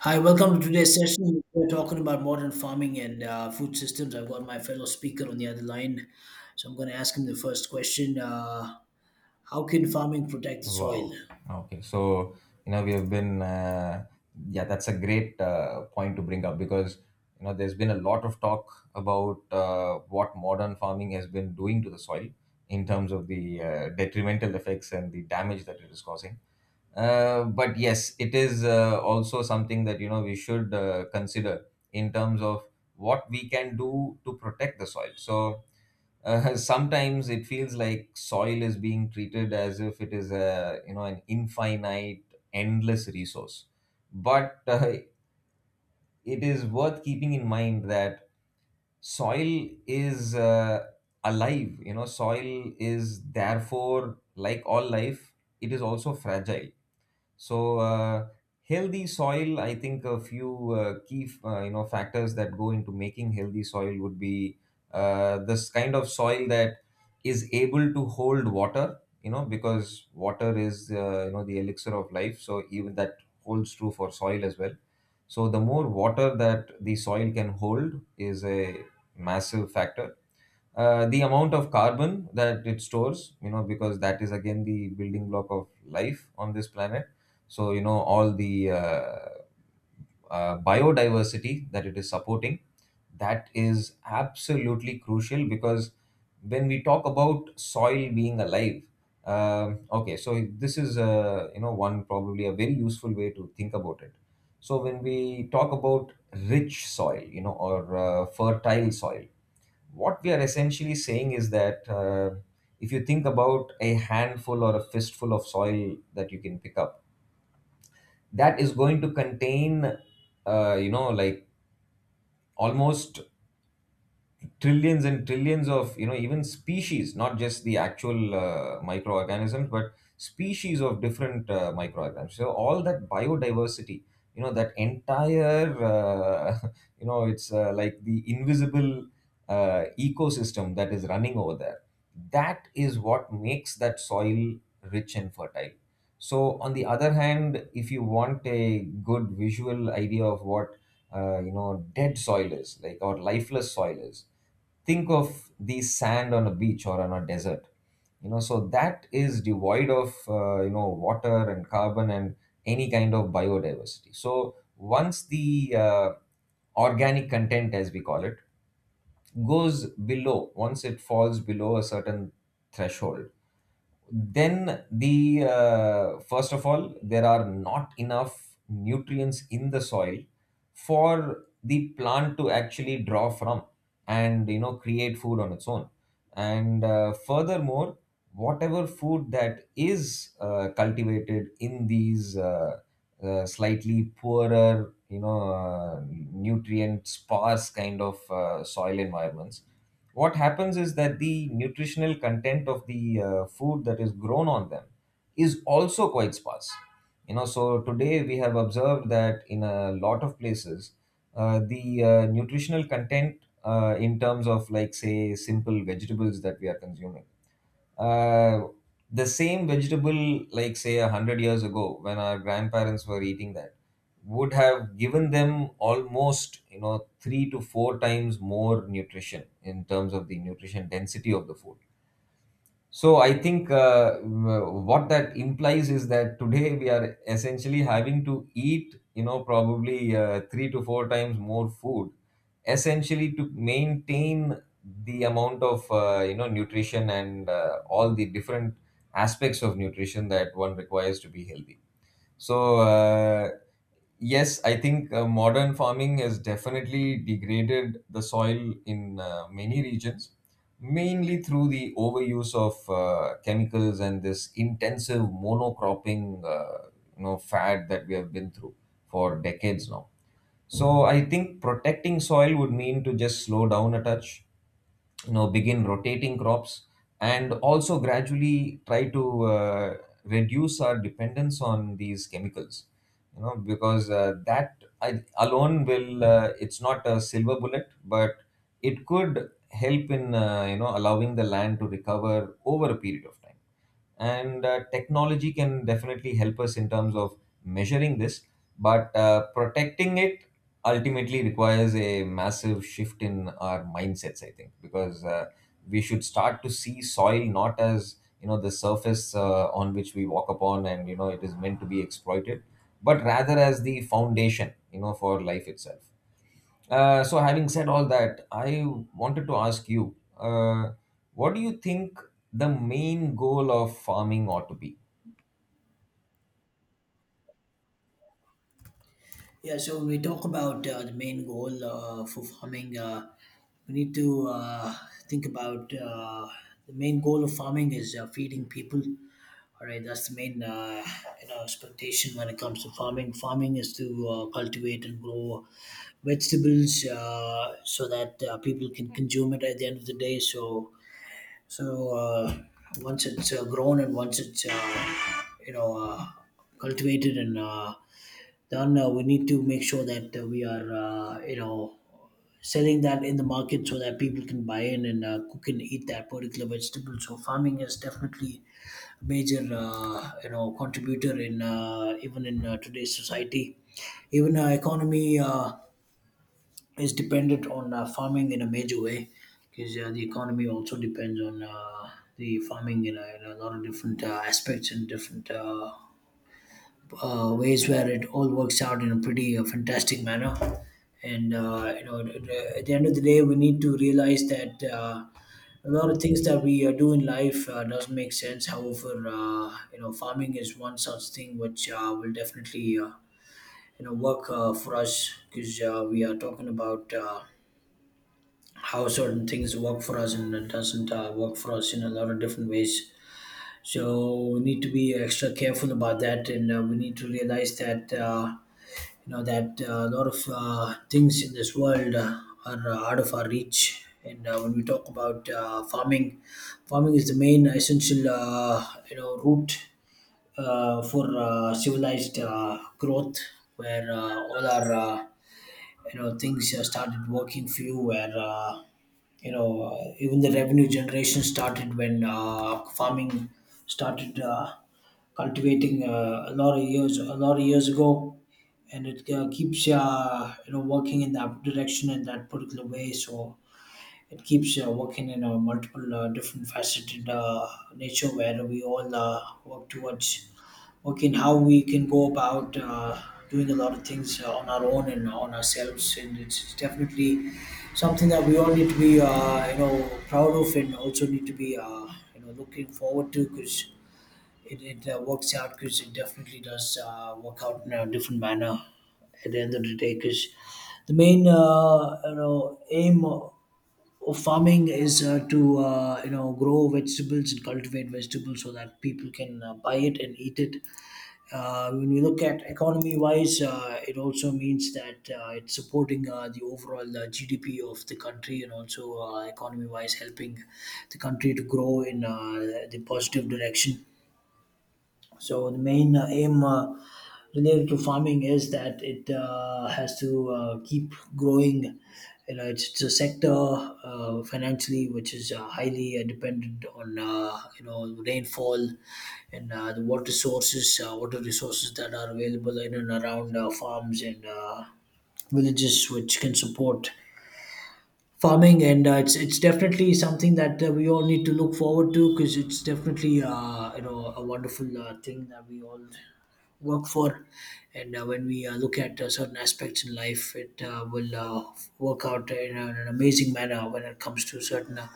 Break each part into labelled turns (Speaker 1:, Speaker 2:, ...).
Speaker 1: Hi, welcome to today's session. We're talking about modern farming and food systems. I've got my fellow speaker on the other line, so I'm going to ask him the first question. How can farming protect the soil?
Speaker 2: Wow. Okay. We have been, yeah, that's a great point to bring up because there's been a lot of talk about what modern farming has been doing to the soil in terms of the detrimental effects and the damage that it is causing. But yes, it is also something that we should consider in terms of what we can do to protect the soil. So, sometimes it feels like soil is being treated as if it is a an infinite, endless resource. But it is worth keeping in mind that soil is alive. You know, soil is therefore like all life, it is also fragile so healthy soil, I think a few key factors that go into making healthy soil would be this kind of soil that is able to hold water. You know, because water is the elixir of life. So even that holds true for soil as well. So the more water that the soil can hold is a massive factor, the amount of carbon that it stores, you know, because that is again the building block of life on this planet. So you know all the biodiversity that it is supporting, that is absolutely crucial because when we talk about soil being alive, okay, so this is one probably a very useful way to think about it. So when we talk about rich soil, you know, or fertile soil, what we are essentially saying is that, if you think about a handful or a fistful of soil that you can pick up, that is going to contain you know like almost trillions and trillions of you know even species, not just the actual microorganisms but species of different microorganisms. So all that biodiversity, you know, that entire you know it's like the invisible ecosystem that is running over there, that is what makes that soil rich and fertile. So on the other hand, if you want a good visual idea of what you know dead soil is like, or lifeless soil is, think of the sand on a beach or on a desert. You know, so that is devoid of you know water and carbon and any kind of biodiversity. So once the organic content, as we call it, goes below, once it falls below a certain threshold, then the first of all, there are not enough nutrients in the soil for the plant to actually draw from and you know create food on its own. And furthermore, whatever food that is cultivated in these slightly poorer, you know, nutrient sparse kind of soil environments, what happens is that the nutritional content of the food that is grown on them is also quite sparse. You know, so today we have observed that in a lot of places, the nutritional content, in terms of like say simple vegetables that we are consuming, uh, the same vegetable, like say 100 years ago, when our grandparents were eating that, would have given them almost you know three to four times more nutrition in terms of the nutrition density of the food. So I think, what that implies is that today we are essentially having to eat, you know, probably three to four times more food, essentially to maintain the amount of you know nutrition and all the different aspects of nutrition that one requires to be healthy. So, yes, I think modern farming has definitely degraded the soil in many regions, mainly through the overuse of chemicals and this intensive monocropping, you know, fad that we have been through for decades now. So, I think protecting soil would mean to just slow down a touch, you know, begin rotating crops, and also gradually try to reduce our dependence on these chemicals, you know, because that I, alone will it's not a silver bullet, but it could help in you know allowing the land to recover over a period of time. And technology can definitely help us in terms of measuring this, but protecting it ultimately requires a massive shift in our mindsets, I think, because we should start to see soil not as you know the surface on which we walk upon and you know it is meant to be exploited, but rather as the foundation, you know, for life itself. So, having said all that, I wanted to ask you, what do you think the main goal of farming ought to be?
Speaker 1: Yeah, so when we talk about the main goal for farming, we need to think about the main goal of farming is feeding people. All right, that's the main expectation when it comes to farming. Farming is to cultivate and grow vegetables so that people can consume it at the end of the day. So once it's grown and once it's you know uh, cultivated and then we need to make sure that we are, selling that in the market so that people can buy in and cook and eat that particular vegetable. So farming is definitely a major, contributor in even in today's society. Even our economy is dependent on farming in a major way because the economy also depends on the farming in a lot of different aspects and different. Ways where it all works out in a pretty fantastic manner. And at the end of the day, we need to realize that a lot of things that we do in life doesn't make sense. However, farming is one such thing which will definitely work for us because we are talking about how certain things work for us and it doesn't work for us in a lot of different ways. So we need to be extra careful about that, and we need to realize that. That a lot of things in this world are out of our reach, and when we talk about farming farming is the main essential route for civilized growth where all our things started working for you where even the revenue generation started when farming started cultivating a lot of years, a lot of years ago, and it keeps working in that direction in that particular way, so it keeps working in a multiple different faceted nature where we all work towards working how we can go about doing a lot of things on our own and on ourselves, and it's definitely something that we all need to be proud of and also need to be looking forward to because it works out because it definitely does work out in a different manner at the end of the day because the main aim of farming is to grow vegetables and cultivate vegetables so that people can buy it and eat it. Uh, when we look at economy wise, it also means that it's supporting the overall GDP of the country and also economy wise helping the country to grow in the positive direction. So the main aim related to farming is that it has to keep growing. You know, it's a sector financially, which is highly dependent on rainfall and the water sources, water resources that are available in and around farms and villages, which can support farming, and it's definitely something that we all need to look forward to because it's definitely a wonderful thing that we all work for. And when we look at certain aspects in life, it will work out in, in an amazing manner when it comes to certain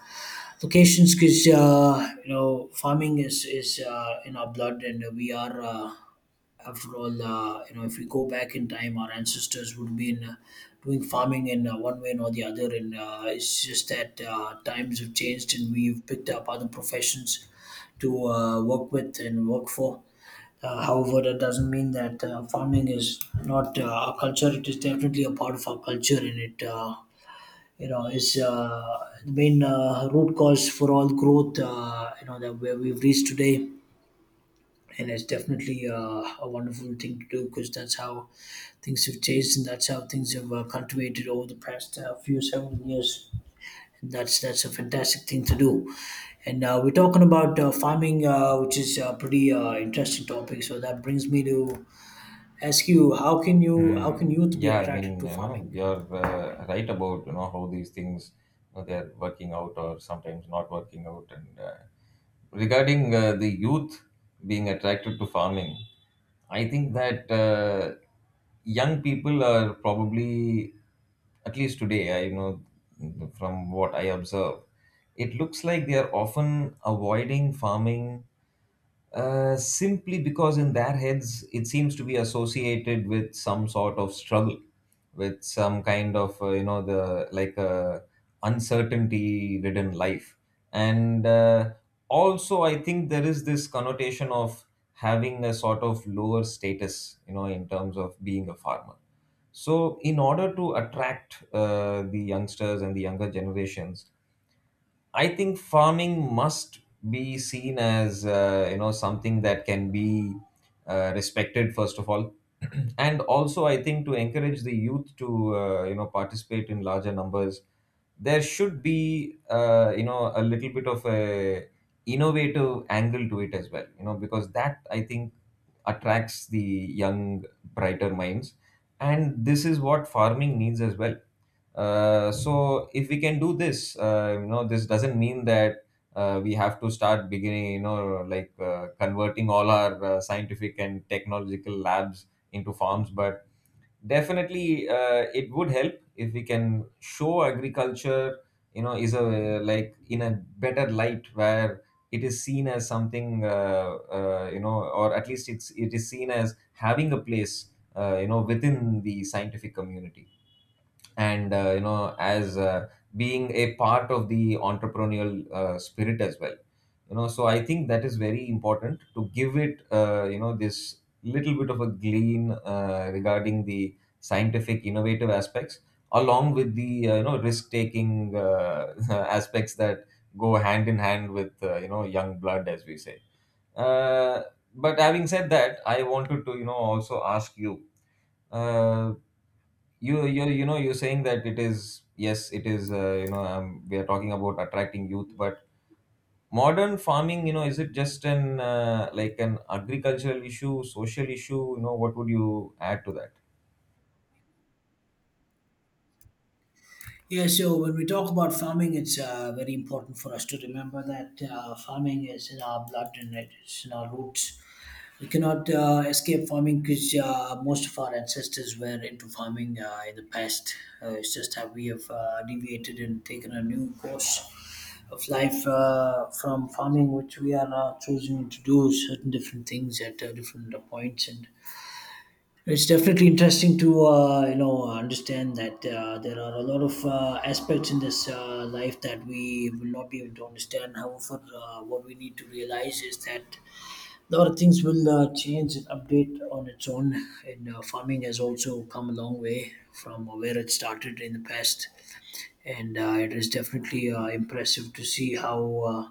Speaker 1: locations because farming is in our blood, and we are after all, you know if we go back in time, our ancestors would be in, doing farming in one way or the other, and it's just that times have changed and we've picked up other professions to work with and work for. Uh, however, that doesn't mean that farming is not our culture. It is definitely a part of our culture, and it is the main root cause for all growth that, where we've reached today. And it's definitely a wonderful thing to do because that's how things have changed, and that's how things have cultivated over the past few seven years. And that's a fantastic thing to do, and we're talking about farming, which is a pretty interesting topic. So that brings me to ask you, how
Speaker 2: Hmm.
Speaker 1: can youth be
Speaker 2: Yeah, I
Speaker 1: attracted
Speaker 2: mean,
Speaker 1: to
Speaker 2: you know,
Speaker 1: farming?
Speaker 2: you're right about you know how these things, you know, they're working out or sometimes not working out. And regarding the youth being attracted to farming, I think that young people are probably, at least today, I know from what I observe, it looks like they are often avoiding farming simply because in their heads it seems to be associated with some sort of struggle, with some kind of you know the like uncertainty ridden life. And also I think there is this connotation of having a sort of lower status, you know, in terms of being a farmer. So in order to attract the youngsters and the younger generations, I think farming must be seen as you know something that can be respected first of all, and also I think to encourage the youth to you know participate in larger numbers, there should be you know a little bit of a innovative angle to it as well. You know because that I think attracts the young brighter minds, and this is what farming needs as well. So if we can do this, you know, this doesn't mean that we have to start beginning, you know, like converting all our scientific and technological labs into farms, but definitely it would help if we can show agriculture, you know, is a like in a better light where it is seen as something, you know, or at least it is seen as having a place, you know, within the scientific community. And you know as being a part of the entrepreneurial spirit as well, you know. So I think that is very important to give it you know this little bit of a glean regarding the scientific innovative aspects, along with the you know risk taking aspects that go hand in hand with you know young blood, as we say. Uh, but having said that, I wanted to you know also ask you, uh, you know you're saying that it is, yes it is you know we are talking about attracting youth, but modern farming, you know, is it just an like an agricultural issue, social issue, you know? What would you add to that?
Speaker 1: Yeah, so when we talk about farming, it's very important for us to remember that farming is in our blood and it's in our roots. We cannot escape farming because most of our ancestors were into farming in the past. It's just that we have deviated and taken a new course of life from farming, which we are choosing to do certain different things at different points. And it's definitely interesting to understand that there are a lot of aspects in this life that we will not be able to understand. However, what we need to realize is that a lot of things will change and update on its own. And farming has also come a long way from where it started in the past, and it is definitely impressive to see how.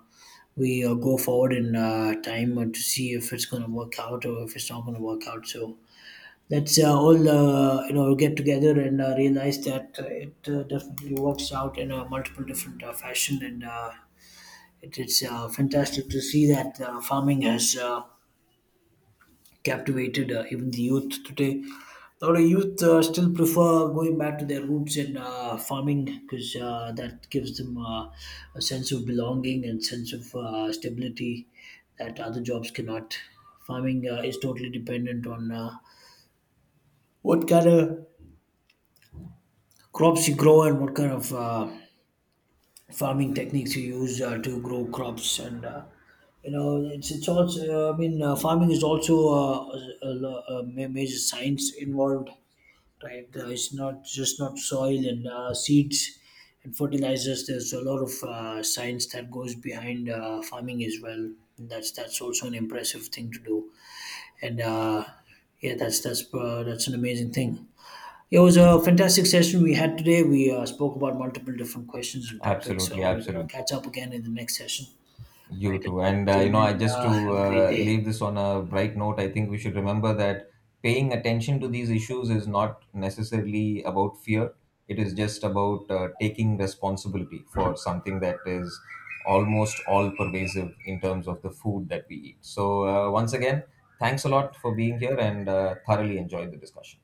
Speaker 1: We go forward in time and to see if it's going to work out or if it's not going to work out. So, let's all get together and realize that it definitely works out in a multiple different fashion, and it is fantastic to see that farming has captivated even the youth today. A lot of youth still prefer going back to their roots in farming because that gives them a sense of belonging and sense of stability that other jobs cannot. Farming is totally dependent on what kind of crops you grow and what kind of farming techniques you use to grow crops. And you know it's also, I mean, farming is also a, ma- major science involved, right? It's not just not soil and seeds and fertilizers. There's a lot of science that goes behind farming as well, and that's also an impressive thing to do. And that's an amazing thing. It was a fantastic session we had today. We spoke about multiple different questions and topics,
Speaker 2: Absolutely,
Speaker 1: so we're gonna
Speaker 2: absolutely.
Speaker 1: catch up again in the next session. Right?
Speaker 2: You too. And
Speaker 1: Till
Speaker 2: you know, I
Speaker 1: then,
Speaker 2: just to
Speaker 1: have a great day.
Speaker 2: leave this on a bright note, I think we should remember that paying attention to these issues is not necessarily about fear. It is just about taking responsibility for something that is almost all pervasive in terms of the food that we eat. So, once again, thanks a lot for being here and thoroughly enjoyed the discussion.